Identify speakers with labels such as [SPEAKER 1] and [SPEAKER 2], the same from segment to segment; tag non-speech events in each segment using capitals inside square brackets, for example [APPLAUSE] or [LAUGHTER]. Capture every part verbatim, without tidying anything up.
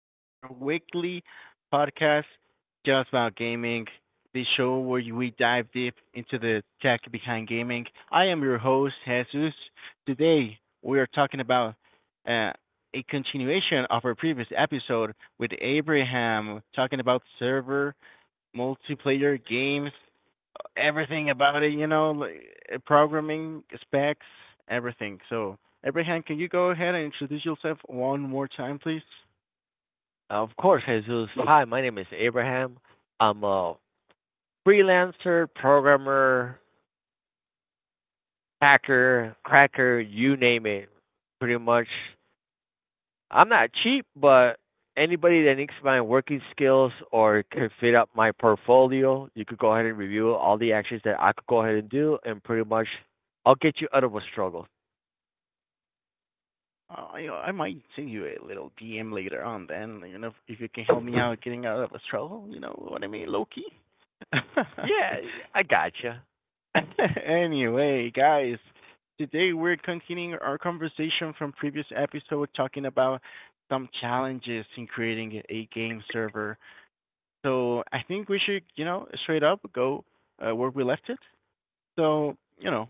[SPEAKER 1] to our weekly podcast, Just About Gaming, the show where we dive deep into the tech behind gaming. I am your host, Jesus. Today, we are talking about uh, a continuation of our previous episode with Abraham, talking about server multiplayer games, everything about it, you know, like uh, programming specs, everything. So, Abraham, can you go ahead and introduce yourself one more time, please?
[SPEAKER 2] Of course, Jesus. Hi, my name is Abraham. I'm a freelancer, programmer, hacker, cracker, you name it. Pretty much, I'm not cheap, but anybody that needs my working skills or could fit up my portfolio, you could go ahead and review all the actions that I could go ahead and do, and pretty much, I'll get you out of a struggle.
[SPEAKER 1] Uh, I I might send you a little D M later on, then you know if you can help me out getting out of a trouble, you know what I mean, Loki.
[SPEAKER 2] Yeah,
[SPEAKER 1] [LAUGHS]
[SPEAKER 2] I gotcha.
[SPEAKER 1] Anyway, guys, today we're continuing our conversation from previous episode talking about some challenges in creating a game server. So I think we should, you know, straight up go uh, where we left it. So, you know,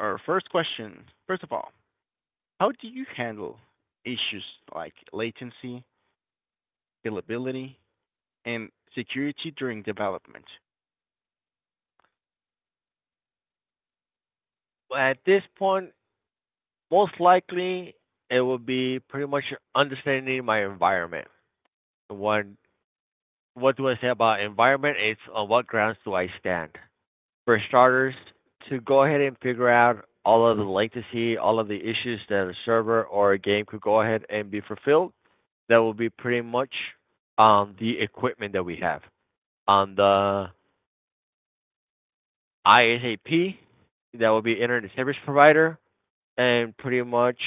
[SPEAKER 1] our first question, first of all, how do you handle issues like latency, scalability, and security during development?
[SPEAKER 2] At this point, most likely, it will be pretty much understanding my environment. What what do I say about environment? It's on what grounds do I stand? For starters, to go ahead and figure out all of the latency, all of the issues that a server or a game could go ahead and be fulfilled, that will be pretty much um, the equipment that we have. On the I S A P, that will be Internet Service Provider, and pretty much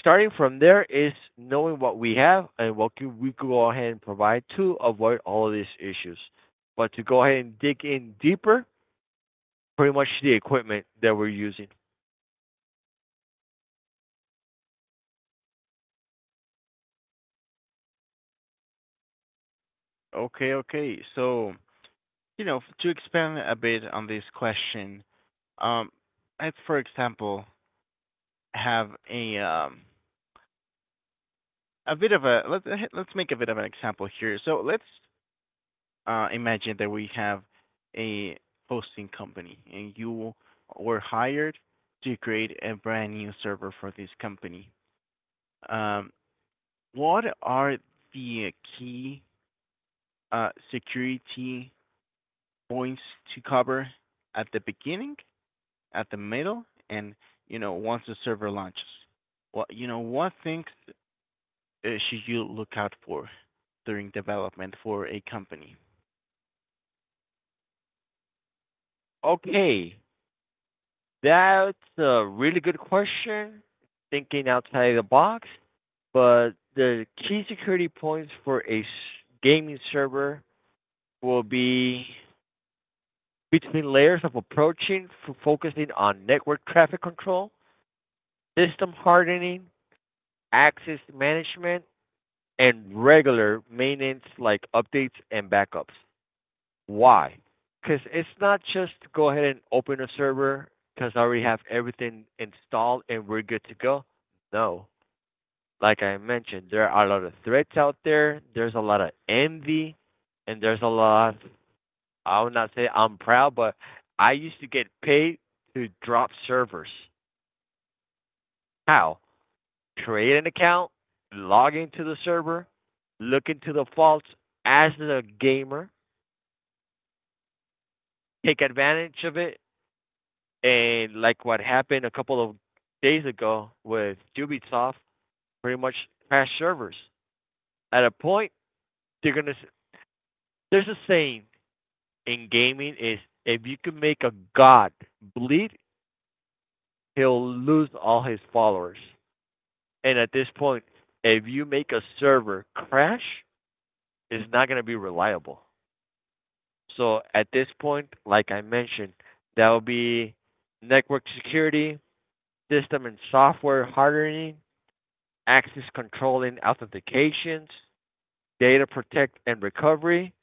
[SPEAKER 2] starting from there is knowing what we have and what could we could go ahead and provide to avoid all of these issues. But to go ahead and dig in deeper, pretty much the equipment that we're using.
[SPEAKER 1] Okay, okay. So, you know, to expand a bit on this question, um, let's, for example, have a um, a bit of a let's let's make a bit of an example here. So let's uh, imagine that we have a hosting company and you were hired to create a brand new server for this company. Um, what are the key uh, security points to cover at the beginning, at the middle, and you know once the server launches? What you know, what things uh, should you look out for during development for a company?
[SPEAKER 2] Okay, that's a really good question. Thinking outside the box, but the key security points for a gaming server will be between layers of approaching, focusing on network traffic control, system hardening, access management, and regular maintenance like updates and backups. Why? Because it's not just to go ahead and open a server because I already have everything installed and we're good to go. No. Like I mentioned, there are a lot of threats out there. There's a lot of envy, and there's a lot. I would not say I'm proud, but I used to get paid to drop servers. How? Create an account, log into the server, look into the faults as the gamer, take advantage of it, and like what happened a couple of days ago with Ubisoft, pretty much crash servers. At a point, they're gonna. There's a saying in gaming is if you can make a god bleed, he'll lose all his followers. And at this point, if you make a server crash, it's not gonna be reliable. So at this point, like I mentioned, that will be network security, system and software hardening, access control and authentications, data protect and recovery.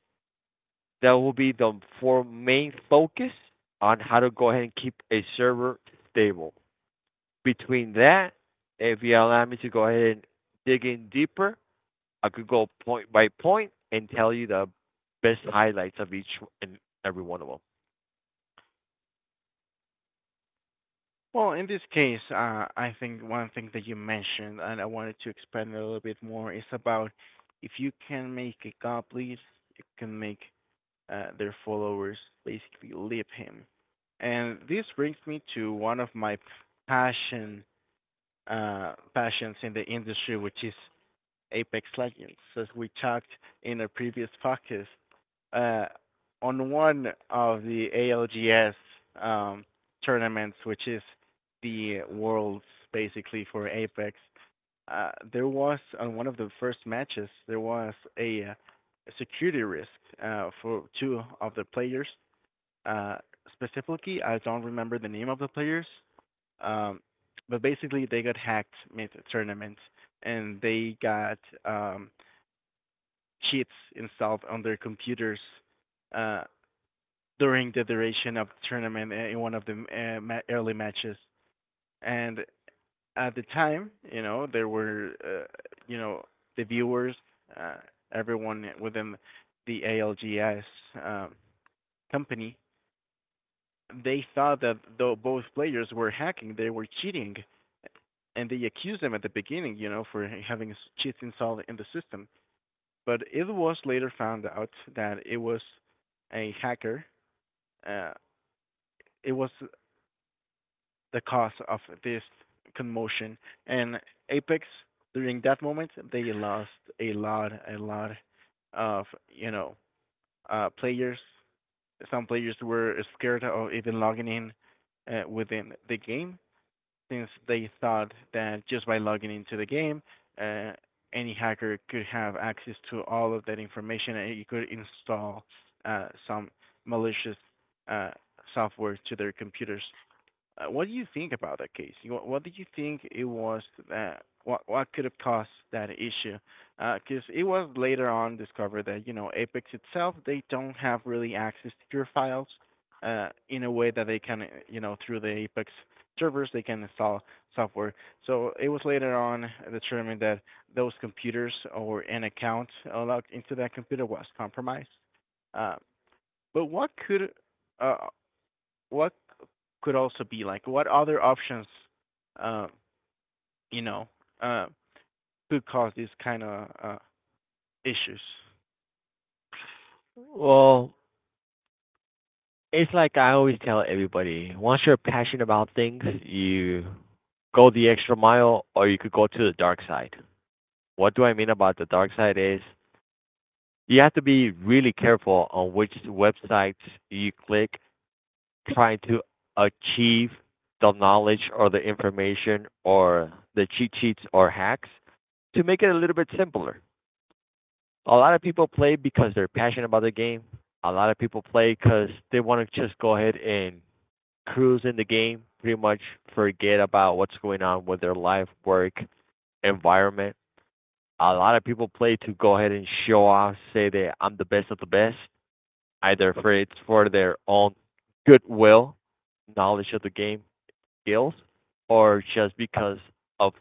[SPEAKER 2] That will be the four main focus on how to go ahead and keep a server stable. Between that, if you allow me to go ahead and dig in deeper, I could go point by point and tell you the best highlights of each and every one of
[SPEAKER 1] Well, in this case, uh, I think one thing that you mentioned, and I wanted to expand a little bit more, is about if you can make a god bleed, you can make uh, their followers basically leap him. And this brings me to one of my passion uh, passions in the industry, which is Apex Legends, as we talked in a previous podcast, uh, on one of the A L G S um, tournaments, which is the worlds basically for Apex. Uh, there was on one of the first matches there was a uh, security risk uh, for two of the players. Uh, specifically, I don't remember the name of the players, um, but basically they got hacked mid tournament and they got um, cheats installed on their computers uh, during the duration of the tournament uh, in one of the uh, ma- early matches. And at the time, you know, there were, uh, you know, the viewers, uh, everyone within the A L G S um, company, they thought that though both players were hacking, they were cheating, and they accused them at the beginning, you know, for having cheats installed in the system. But it was later found out that it was a hacker. Uh, it was the cause of this commotion. And Apex, during that moment, they lost a lot, a lot of you know uh, players. Some players were scared of even logging in uh, within the game, since they thought that just by logging into the game, uh, any hacker could have access to all of that information and you could install uh, some malicious uh, software to their computers. Uh, what do you think about that case? You, what do you think it was that what what could have caused that issue? Because it was later on discovered that you know Apex itself they don't have really access to your files uh, in a way that they can you know through the Apex servers they can install software. So it was later on determined that those computers or an account uh, logged into that computer was compromised. Uh, but what could uh, what could also be like what other options uh, you know uh, could cause these kind of uh, issues.
[SPEAKER 2] them. Well, it's like I always tell everybody, once you're passionate about things, you go the extra mile or you could go to the dark side. What do I mean about the dark side is you have to be really careful on which websites you click trying to achieve the knowledge or the information or the cheat sheets or hacks to make it a little bit simpler. A lot of people play because they're passionate about the game. A lot of people play because they want to just go ahead and crews in the game, pretty much forget about what's going on with their life, work, environment. A lot of people play to go ahead and show off, say that I'm the best of the best, either for it's for their own goodwill, knowledge of the game, skills, or just because of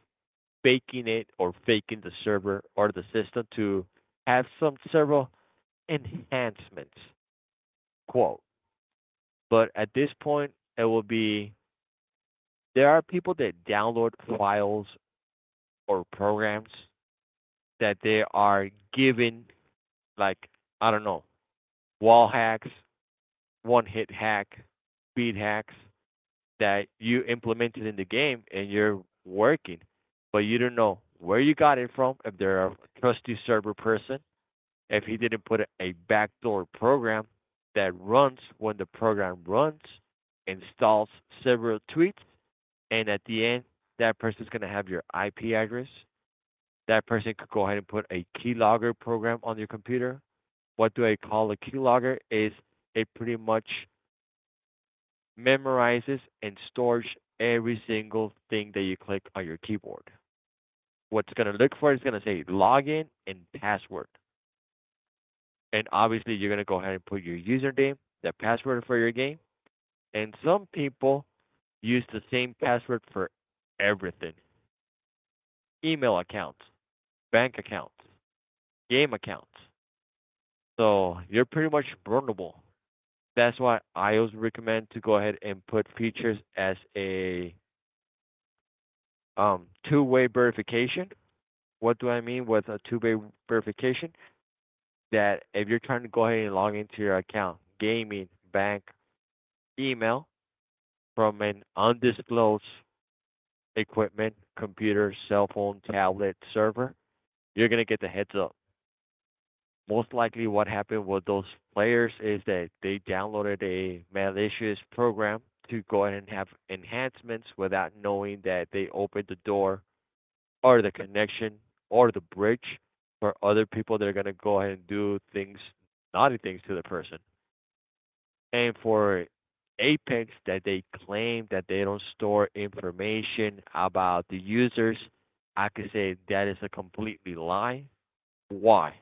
[SPEAKER 2] faking it or faking the server or the system to have some several enhancements, quote. But at this point, it will be there are people that download files or programs that they are given, like I don't know, wall hacks, one hit hack, speed hacks that you implemented in the game and you're working, but you don't know where you got it from, if they're a trusty server person, if he didn't put a backdoor program that runs when the program runs, installs several tweets, and at the end that person's going to have your I P address, that person could go ahead and put a keylogger program on your computer. What do I call a keylogger? Is it pretty much memorizes and stores every single thing that you click on your keyboard. What's going to look for is going to say login and password. And obviously, you're going to go ahead and put your username, the password for your game. And some people use the same password for everything, email accounts, bank accounts, game accounts. So you're pretty much vulnerable. That's why I always recommend to go ahead and put features as a um, two-way verification. What do I mean with a two-way verification? That if you're trying to go ahead and log into your account, gaming, bank, email from an undisclosed equipment, computer, cell phone, tablet, server, you're gonna get the heads up. Most likely what happened with those players is that they downloaded a malicious program to go ahead and have enhancements without knowing that they opened the door or the connection or the bridge for other people that are going to go ahead and do things, naughty things to the person. And for Apex, that they claim that they don't store information about the users, I could say that is a completely lie. Why?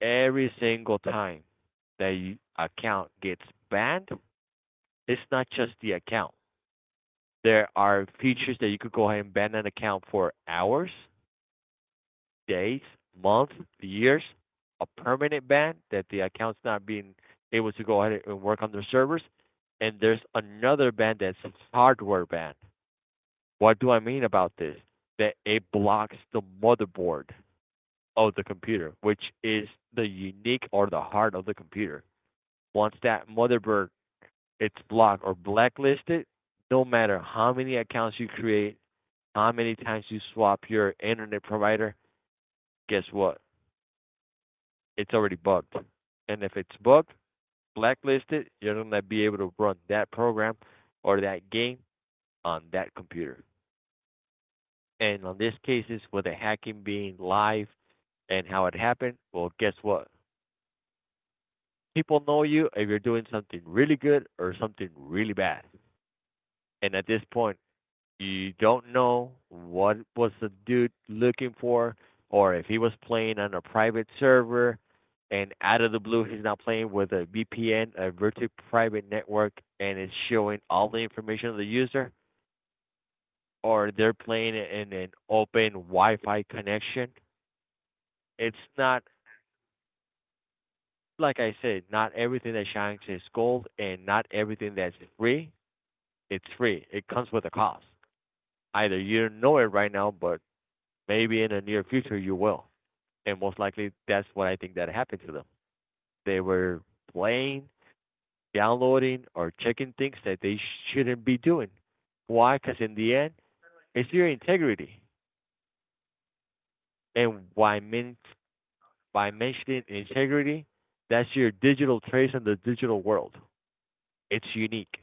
[SPEAKER 2] Every single time that account gets banned, it's not just the account. There are features that you could go ahead and ban an account for hours, days, months, years, a permanent ban that the account's not being able to go ahead and work on their servers. And there's another ban that's hardware ban. What do I mean about this? That it blocks the motherboard of the computer, which is the unique or the heart of the computer. Once that motherboard it's blocked or blacklisted, no matter how many accounts you create, how many times you swap your internet provider, guess what? It's already bugged. And if it's bugged, blacklisted, you're not gonna be able to run that program or that game on that computer. And on this case is with the hacking being live and how it happened, well guess what? People know you if you're doing something really good or something really bad. And at this point you don't know what was the dude looking for, or if he was playing on a private server and out of the blue he's now playing with a V P N, a virtual private network, and it's showing all the information of the user, or they're playing in an open Wi-Fi connection. It's not, like I said, not everything that shines is gold, and not everything that's free, it's free. It comes with a cost. Either you don't know it right now, but maybe in the near future you will. And most likely that's what I think that happened to them. They were playing, downloading, or checking things that they shouldn't be doing. Why? Because in the end, it's your integrity. And by, men- by mentioning integrity, that's your digital trace in the digital world. It's unique.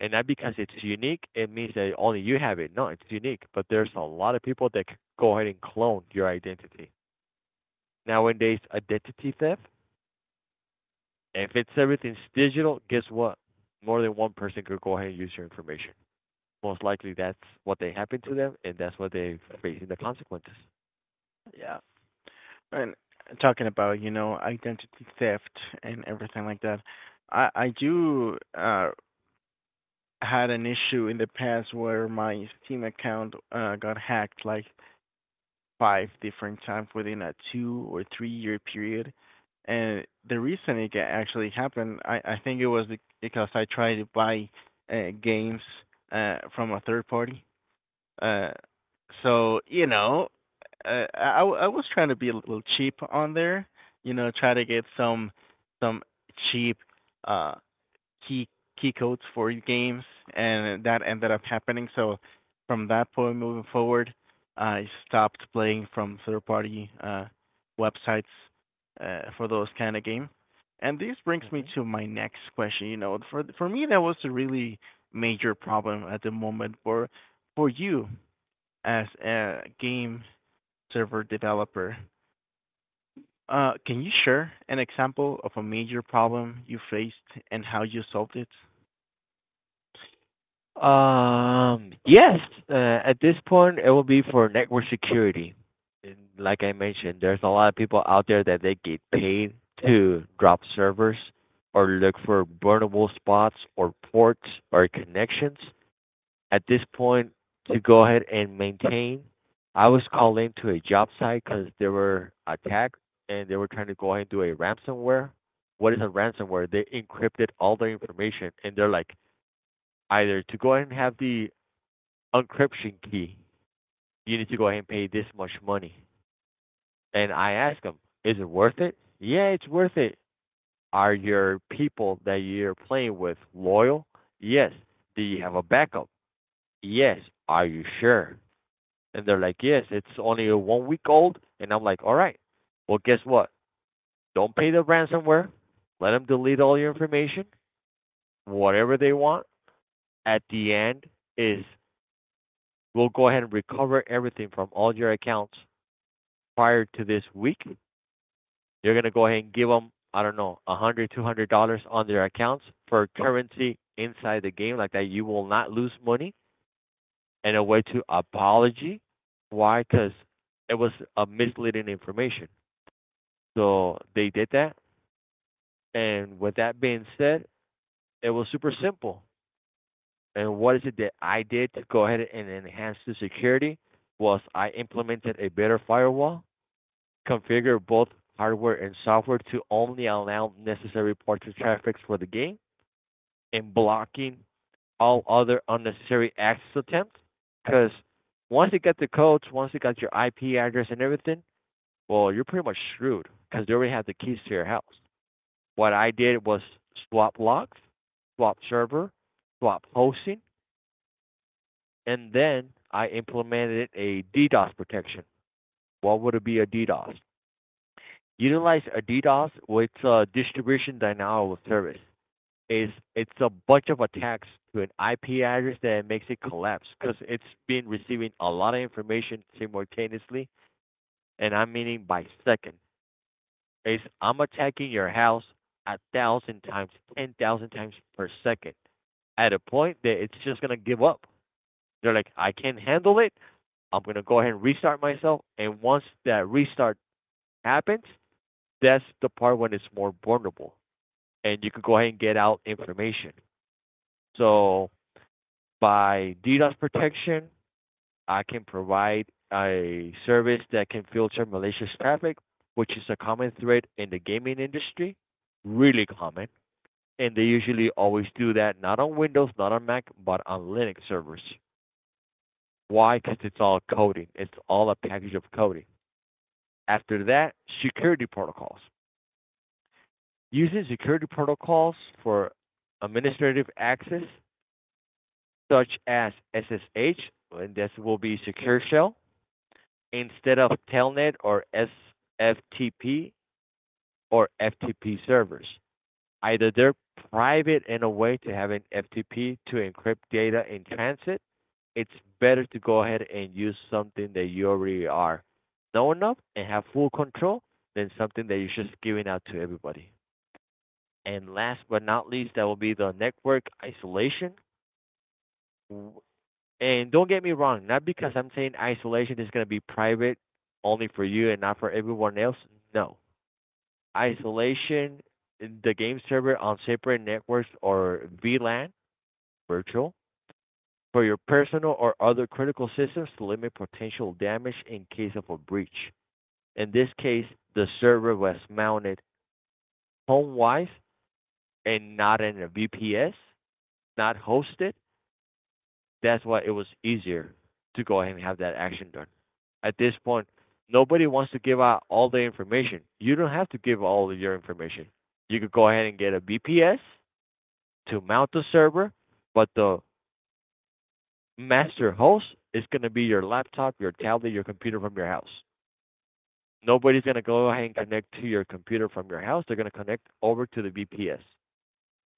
[SPEAKER 2] And not because it's unique, it means that only you have it. No, it's unique. But there's a lot of people that go ahead and clone your identity. Nowadays, identity theft, if it's everything's digital, guess what? More than one person could go ahead and use your information. Most likely, that's what they happened to them, and that's what they're facing the consequences.
[SPEAKER 1] Yeah. And talking about you know identity theft and everything like that, i i do uh had an issue in the past where my steam account uh got hacked like five different times within a two or three year period. And the reason it ca- actually happened, I, I think it was bec- because I tried to buy uh, games uh, from a third party. Uh, so you know, uh, I I w- I was trying to be a little cheap on there, you know, try to get some some cheap uh key key codes for games, and that ended up happening. So from that point moving forward, I stopped playing from third-party uh, websites uh, for those kind of games. And this brings me
[SPEAKER 2] Mm-hmm.
[SPEAKER 1] to my next question. You know, for for me, that was a really major problem at the moment. For for you as a game server developer, uh, can you share an example of a major problem you faced and how you solved it?
[SPEAKER 2] Um, yes, uh, at this point, it will be for network security. And like I mentioned, there's a lot of people out there that they get paid to drop servers or look for burnable spots or ports or connections at this point to go ahead and maintain. I was called into a job site because they were attacked and they were trying to go ahead and do a ransomware. What is a ransomware? They encrypted all their information and they're like, either to go ahead and have the encryption key, you need to go ahead and pay this much money. And I asked them, is it worth it? Yeah, it's worth it. Are your people that you're playing with loyal? Yes. Do you have a backup? Yes. Are you sure? And they're like, yes, it's only a one week old. And I'm like, all right. Well, guess what? Don't pay the ransomware. Let them delete all your information, whatever they want. At the end is we'll go ahead and recover everything from all your accounts prior to this week. You're going to go ahead and give them, I don't know, a hundred, dollars, two hundred dollars on their accounts for currency inside the game like that. You will not lose money and a way to apology. Why? Because it was a misleading information. So they did that. And with that being said, it was super simple. And what is it that I did to go ahead and enhance the security was I implemented a better firewall, configured both hardware and software to only allow necessary ports of traffic for the game, and blocking all other unnecessary access attempts. Because once you get the codes, once you got your I P address and everything, well, you're pretty much screwed because they already have the keys to your house. What I did was swap locks, swap server, swap hosting, and then I implemented a DDoS protection. What would it be a DDoS? Utilize a DDoS with a distribution denial of service. Is it's a bunch of attacks to an I P address that makes it collapse because it's been receiving a lot of information simultaneously, and I'm meaning by second. Is I'm attacking your house a thousand times, ten thousand times per second, at a point that it's just gonna give up. They're like, I can't handle it. I'm gonna go ahead and restart myself. And once that restart happens, that's the part when it's more vulnerable, and you can go ahead and get out information. So by DDoS protection, I can provide a service that can filter malicious traffic, which is a common threat in the gaming industry, really common. And they usually always do that not on Windows, not on Mac, but on Linux servers. Why? Because it's all coding. It's all a package of coding. After that, security protocols. Using security protocols for administrative access, such as S S H, and this will be Secure Shell, instead of Telnet or S F T P or F T P servers. Either they're private in a way to have an F T P to encrypt data in transit, it's better to go ahead and use something that you already are known of and have full control than something that you're just giving out to everybody. And last but not least, that will be the network isolation. And don't get me wrong, not because I'm saying isolation is going to be private only for you and not for everyone else. No. Isolation, the game server on separate networks or V LAN virtual for your personal or other critical systems to limit potential damage in case of a breach. In this case, the server was mounted home-wise and not in a V P S, not hosted. That's why it was easier to go ahead and have that action done. At this point, nobody wants to give out all the information. You don't have to give all of your information. You could go ahead and get a V P S to mount the server, but the master host is going to be your laptop, your tablet, your computer from your house. Nobody's going to go ahead and connect to your computer from your house. They're going to connect over to the V P S.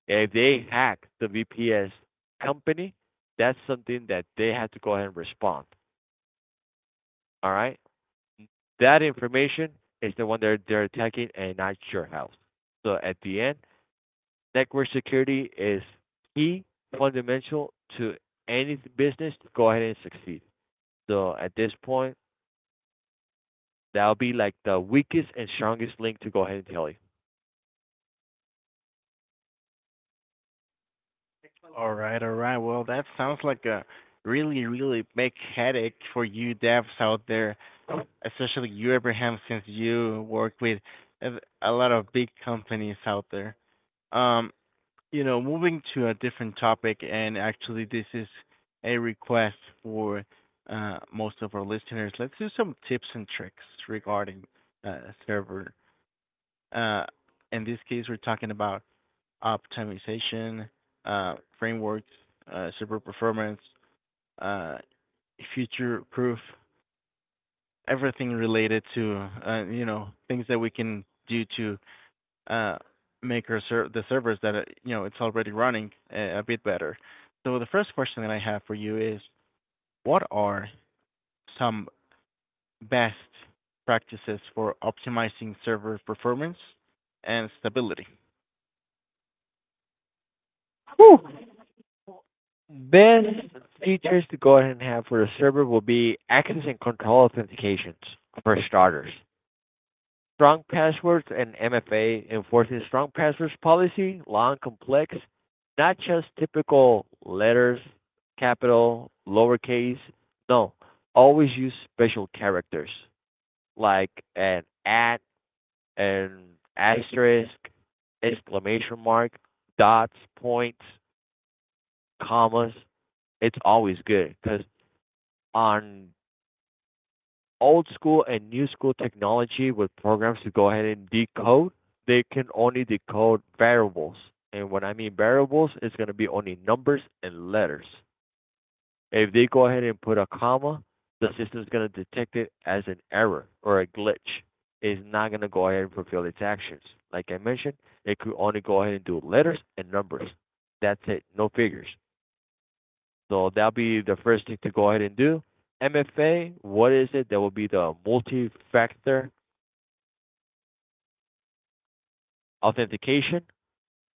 [SPEAKER 2] If they hack the V P S company, that's something that they have to go ahead and respond. All right? That information is the one they're, they're attacking and not your house. So at the end, network security is key, fundamental to any business to go ahead and succeed. So at this point, that'll be like the weakest and strongest link to go ahead and tally.
[SPEAKER 1] All right, all right. Well, that sounds like a really, really big headache for you devs out there, especially you, Abraham, since you work with a a lot of big companies out there. Um, you know, moving to a different topic, and actually, this is a request for uh, most of our listeners. Let's do some tips and tricks regarding uh, server. Uh, in this case, we're talking about optimization uh, frameworks, uh, server performance, uh, future proof, everything related to uh, you know things that we can do to uh, make our ser- the servers that uh, you know it's already running a, a bit better. So the first question that I have for you is, what are some best practices for optimizing server performance and stability?
[SPEAKER 2] Whew. Best features to go ahead and have for the server will be access and control authentications for starters. Strong passwords and M F A enforcing strong passwords policy, long, complex, not just typical letters, capital, lowercase. No, always use special characters like an at, and asterisk, exclamation mark, dots, points, commas. It's always good because on old school and new school technology with programs to go ahead and decode, they can only decode variables. And when I mean variables, it's going to be only numbers and letters. If they go ahead and put a comma, the system is going to detect it as an error or a glitch. It's not going to go ahead and fulfill its actions. Like I mentioned, it could only go ahead and do letters and numbers. That's it, no figures. So that'll be the first thing to go ahead and do. M F A, what is it? That will be the multi factor authentication.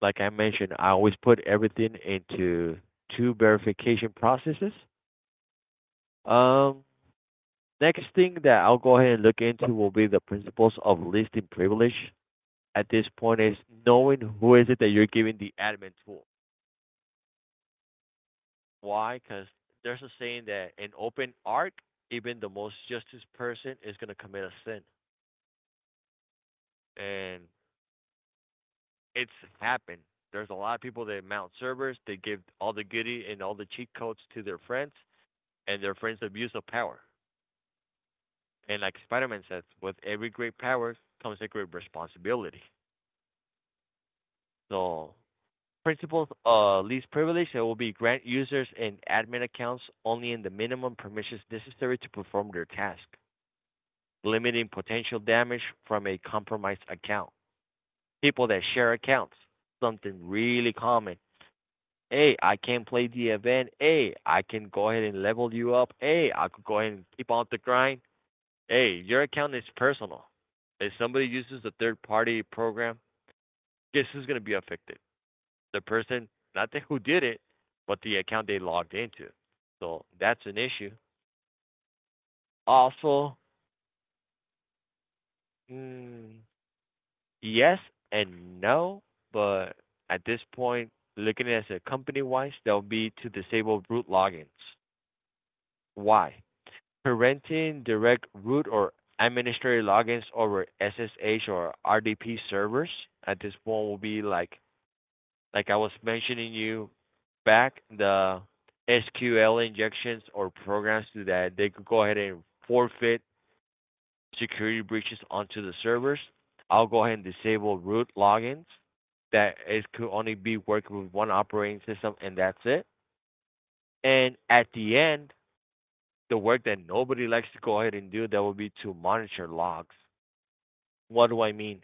[SPEAKER 2] Like I mentioned, I always put everything into two verification processes. Um, Next thing that I'll go ahead and look into will be the principles of listing privilege. At this point, is knowing who is it that you're giving the admin tool. Why? Because there's a saying that in open arc, even the most justice person is going to commit a sin, and it's happened. There's a lot of people that mount servers, they give all the goody and all the cheat codes to their friends, and their friends abuse of power. And like Spider-Man says, with every great power comes a great responsibility. So principles of least privilege that will be grant users and admin accounts only in the minimum permissions necessary to perform their task, limiting potential damage from a compromised account. People that share accounts, something really common. Hey, I can't play the event. Hey, I can go ahead and level you up. Hey, I could go ahead and keep on the grind. Hey, your account is personal. If somebody uses a third party program, guess who's going to be affected? The person, not the, who did it, but the account they logged into. So that's an issue. Also, mm, yes and no, but at this point, looking at it company wise, that would be to disable root logins. Why? Preventing direct root or administrative logins over S S H or R D P servers at this point will be like like I was mentioning you back, the S Q L injections or programs to that, they could go ahead and forfeit security breaches onto the servers. I'll go ahead and disable root logins. That it could only be working with one operating system and that's it. And at the end, the work that nobody likes to go ahead and do that would be to monitor logs. What do I mean?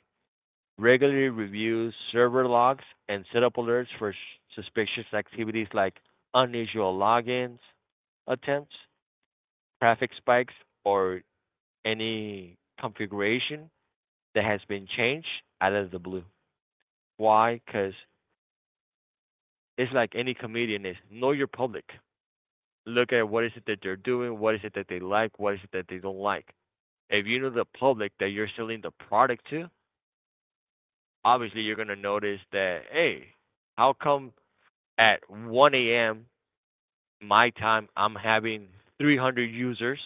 [SPEAKER 2] Regularly reviews server logs and set up alerts for s- suspicious activities like unusual logins attempts, traffic spikes, or any configuration that has been changed out of the blue. Why? Because it's like any comedian is know your public. Look at what is it that they're doing, what is it that they like, what is it that they don't like. If you know the public that you're selling the product to, obviously you're gonna notice that, hey, how come at one a m my time, I'm having three hundred users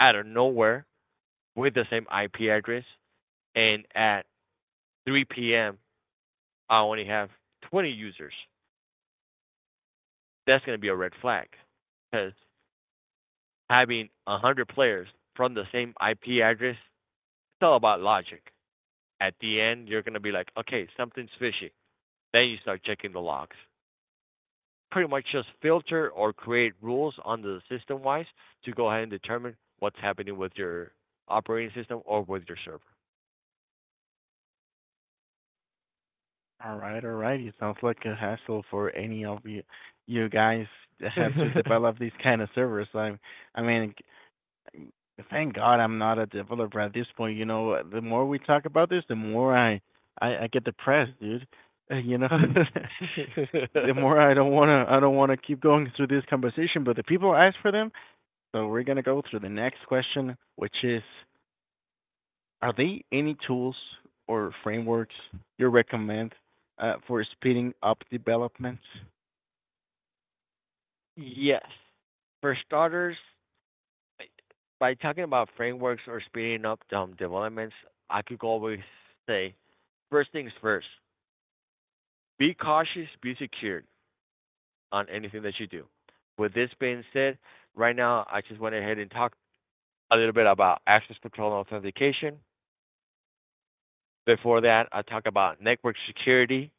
[SPEAKER 2] out of nowhere with the same I P address, and at three p m. I only have twenty users. That's going to be a red flag because having one hundred players from the same I P address, it's all about logic. At the end, you're going to be like, okay, something's fishy. Then you start checking the logs. Pretty much just filter or create rules under the system wise to go ahead and determine what's happening with your operating system or with your
[SPEAKER 1] All right, all right. It sounds like a hassle for any of you you guys that have to
[SPEAKER 2] server.
[SPEAKER 1] develop these kind of servers. I I mean, thank God I'm not a developer at this point. You know, the more we talk about this, the more I I, I get depressed, dude. [LAUGHS] Uh, you know, [LAUGHS] the
[SPEAKER 2] [LAUGHS]
[SPEAKER 1] more I don't wanna I don't wanna keep going through this conversation, but the people ask for them, so we're gonna go through the next question, which is are there any tools or frameworks you recommend uh, for speeding up development?
[SPEAKER 2] Yes. For starters, by talking about frameworks or speeding up um, developments, I could always say first things first be cautious, be secure on anything that you do. With this being said, right now I just went ahead and talked a little bit about access control and authentication. Before that, I talk about network security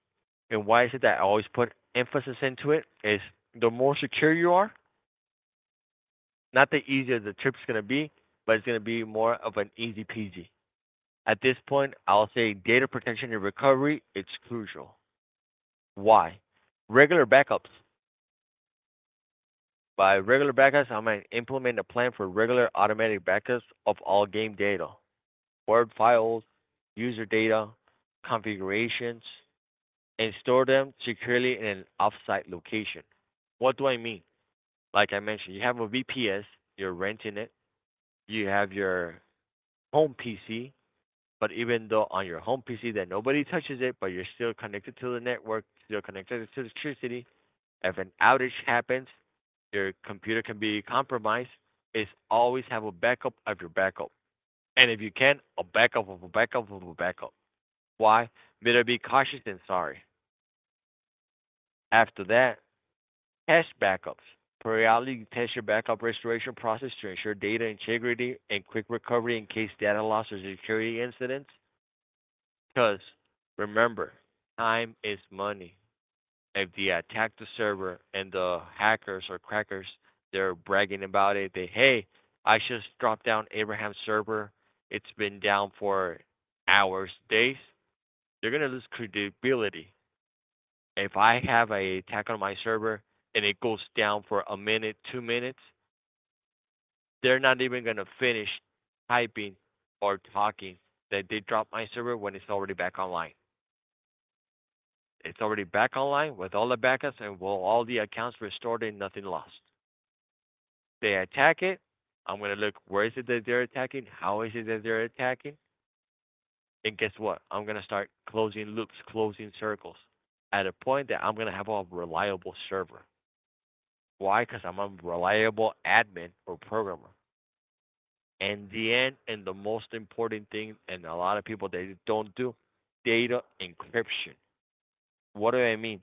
[SPEAKER 2] and why is it that I always put emphasis into it is the more secure you are, not the easier the trip's going to be, but it's going to be more of an easy peasy. At this point, I'll say data protection and recovery, it's crucial. Why? Regular backups. By regular backups, I might implement a plan for regular automatic backups of all game data, Word files, user data, configurations, and store them securely in an offsite location. What do I mean? Like I mentioned, you have a V P S, you're renting it, you have your home P C, but even though on your home P C that nobody touches it, but you're still connected to the network, still connected to electricity. If an outage happens, your computer can be compromised. Is always have a backup of your backup, and if you can, a backup of a backup of a backup. Why? Better be cautious than sorry. After that, cache backups periodically test your backup restoration process to ensure data integrity and quick recovery in case data loss or security incidents. Because remember, time is money. If they attack the server and the hackers or crackers, they're bragging about it. They, hey, I just dropped down Abraham's server. It's been down for hours, days. They're gonna lose credibility. If I have an attack on my server and it goes down for a minute, two minutes, they're not even gonna finish typing or talking. They they drop my server when it's already back online. It's already back online with all the backups and well all the accounts restored and nothing lost. They attack it. I'm gonna look where is it that they're attacking, how is it that they're attacking, and guess what? I'm gonna start closing loops, closing circles, at a point that I'm gonna have a reliable server. Why? Because I'm a reliable admin or programmer. And the end, and the most important thing, and a lot of people they don't do, data encryption. What do I mean?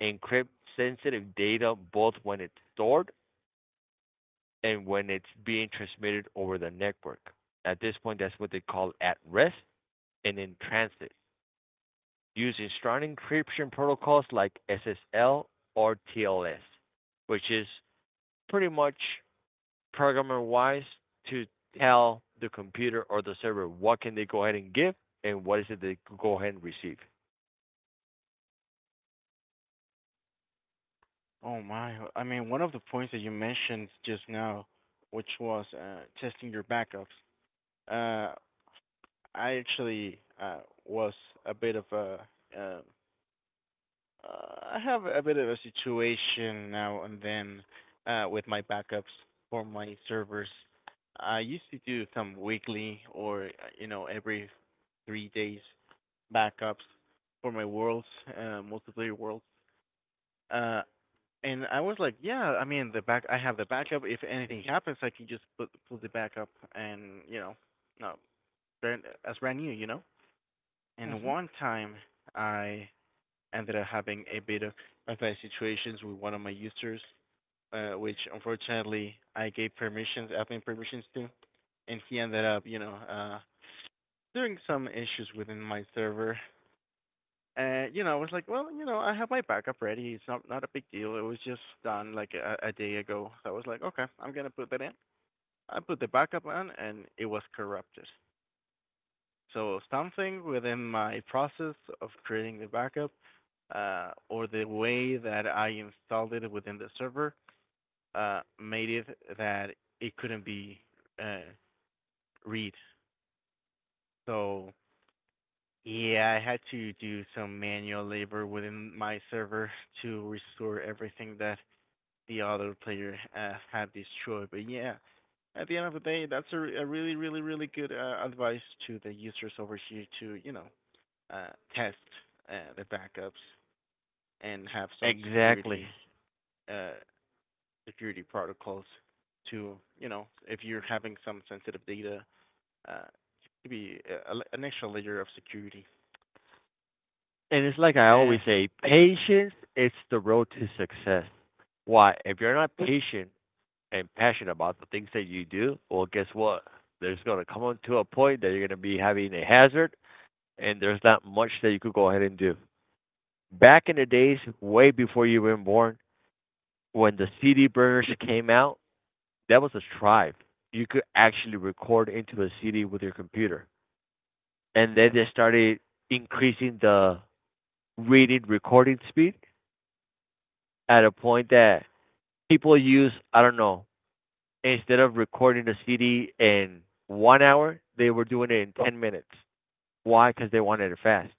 [SPEAKER 2] Encrypt sensitive data both when it's stored and when it's being transmitted over the network. At this point, that's what they call at rest and in transit, using strong encryption protocols like S S L or T L S, which is pretty much programmer wise to tell the computer or the server what can they go ahead and give and what is it they go ahead and receive.
[SPEAKER 1] Oh my. I mean, one of the points that you mentioned just now, which was uh, testing your backups. Uh, I actually uh, was a bit of a. Uh, uh, I have a bit of a situation now and then uh, with my backups for my servers. I used to do some weekly or uh, you know every three days backups for my worlds, uh, multiplayer worlds. Uh, and I was like, yeah, I mean the back, I have the backup. If anything happens, I can just put put the backup, and you know, no, brand, as brand new, you know. And
[SPEAKER 2] Mm-hmm.
[SPEAKER 1] one time, I ended up having a bit of of bad situations with one of my users, uh, which unfortunately I gave permissions, admin permissions to, and he ended up, you know, uh, doing some issues within my server. And you know, I was like, well, you know, I have my backup ready. It's not not a big deal. It was just done like a, a day ago. So I was like, okay, I'm gonna put that in. I put the backup on, and it was corrupted. So something within my process of creating the backup, uh, or the way that I installed it within the server, uh, made it that it couldn't be uh, read. So yeah, I had to do some manual labor within my server to restore everything that the other player uh, had destroyed. But yeah, at the end of the day, that's a, a really, really, really good uh, advice to the users over here to, you know, uh, test uh, the backups and have some
[SPEAKER 2] Exactly.
[SPEAKER 1] security uh, security protocols to, you know, if you're having some sensitive data, uh, to be a- an extra layer of security.
[SPEAKER 2] And it's like I
[SPEAKER 1] Uh,
[SPEAKER 2] always say, patience is the road to success. Why? If you're not patient and passionate about the things that you do, well, guess what? There's going to come on to a point that you're going to be having a hazard, and there's not much that you could go ahead and do. Back in the days, way before you were born, when the C D burners came out, that was a strive. You could actually record into the C D with your computer. And then they started increasing the reading recording speed at a point that people use, I don't know, instead of recording the C D in one hour, they were doing it in ten minutes. Why? Because they wanted it fast.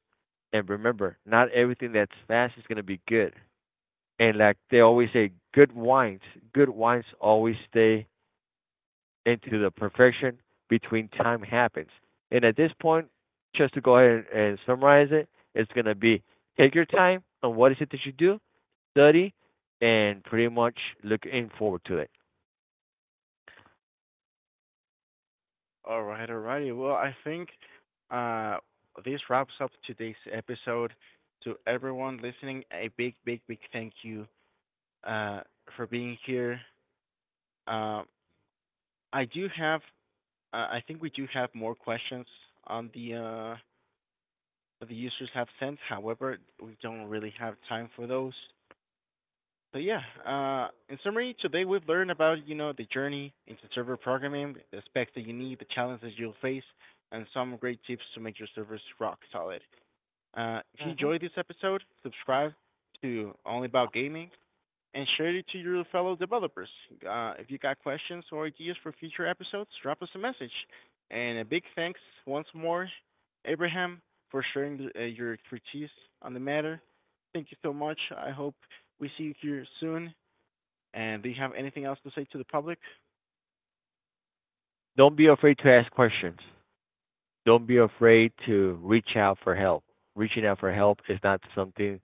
[SPEAKER 2] And remember, not everything that's fast is going to be good. And like they always say, good wines, good wines always stay into the perfection between time happens. And at this point, just to go ahead and, and summarize it, it's going to be take your time on what is it that you do, study, and pretty much looking forward to it.
[SPEAKER 1] All right, all righty. Well, I think uh, this wraps up today's episode. To everyone listening, a big, big, big thank you uh, for being here. Uh, I do have, uh, I think we do have more questions on the uh, that the users have sent. However, we don't really have time for those. So yeah, uh, in summary, today we've learned about you know the journey into server programming, the specs that you need, the challenges you'll face, and some great tips to make your servers rock solid. Uh, if you
[SPEAKER 2] Mhm.
[SPEAKER 1] enjoyed this episode, subscribe to Only About Gaming and share it to your fellow developers. Uh, if you got questions or ideas for future episodes, drop us a message. And a big thanks once more, Abraham, for sharing uh, your expertise on the matter. Thank you so much. I hope we see you here soon. And do you have anything else to say to the public?
[SPEAKER 2] Don't be afraid to ask questions. Don't be afraid to reach out for help. Reaching out for help is not something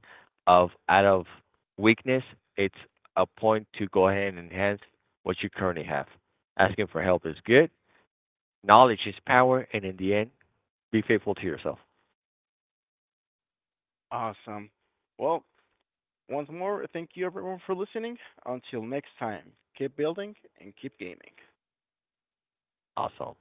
[SPEAKER 2] of out of weakness. It's a point to go ahead and enhance what you currently have. Asking for help is good. Knowledge is power, and in the end, be faithful to yourself.
[SPEAKER 1] Awesome. Well, once more, thank you everyone for listening. Until next time, keep building and keep gaming.
[SPEAKER 2] Awesome.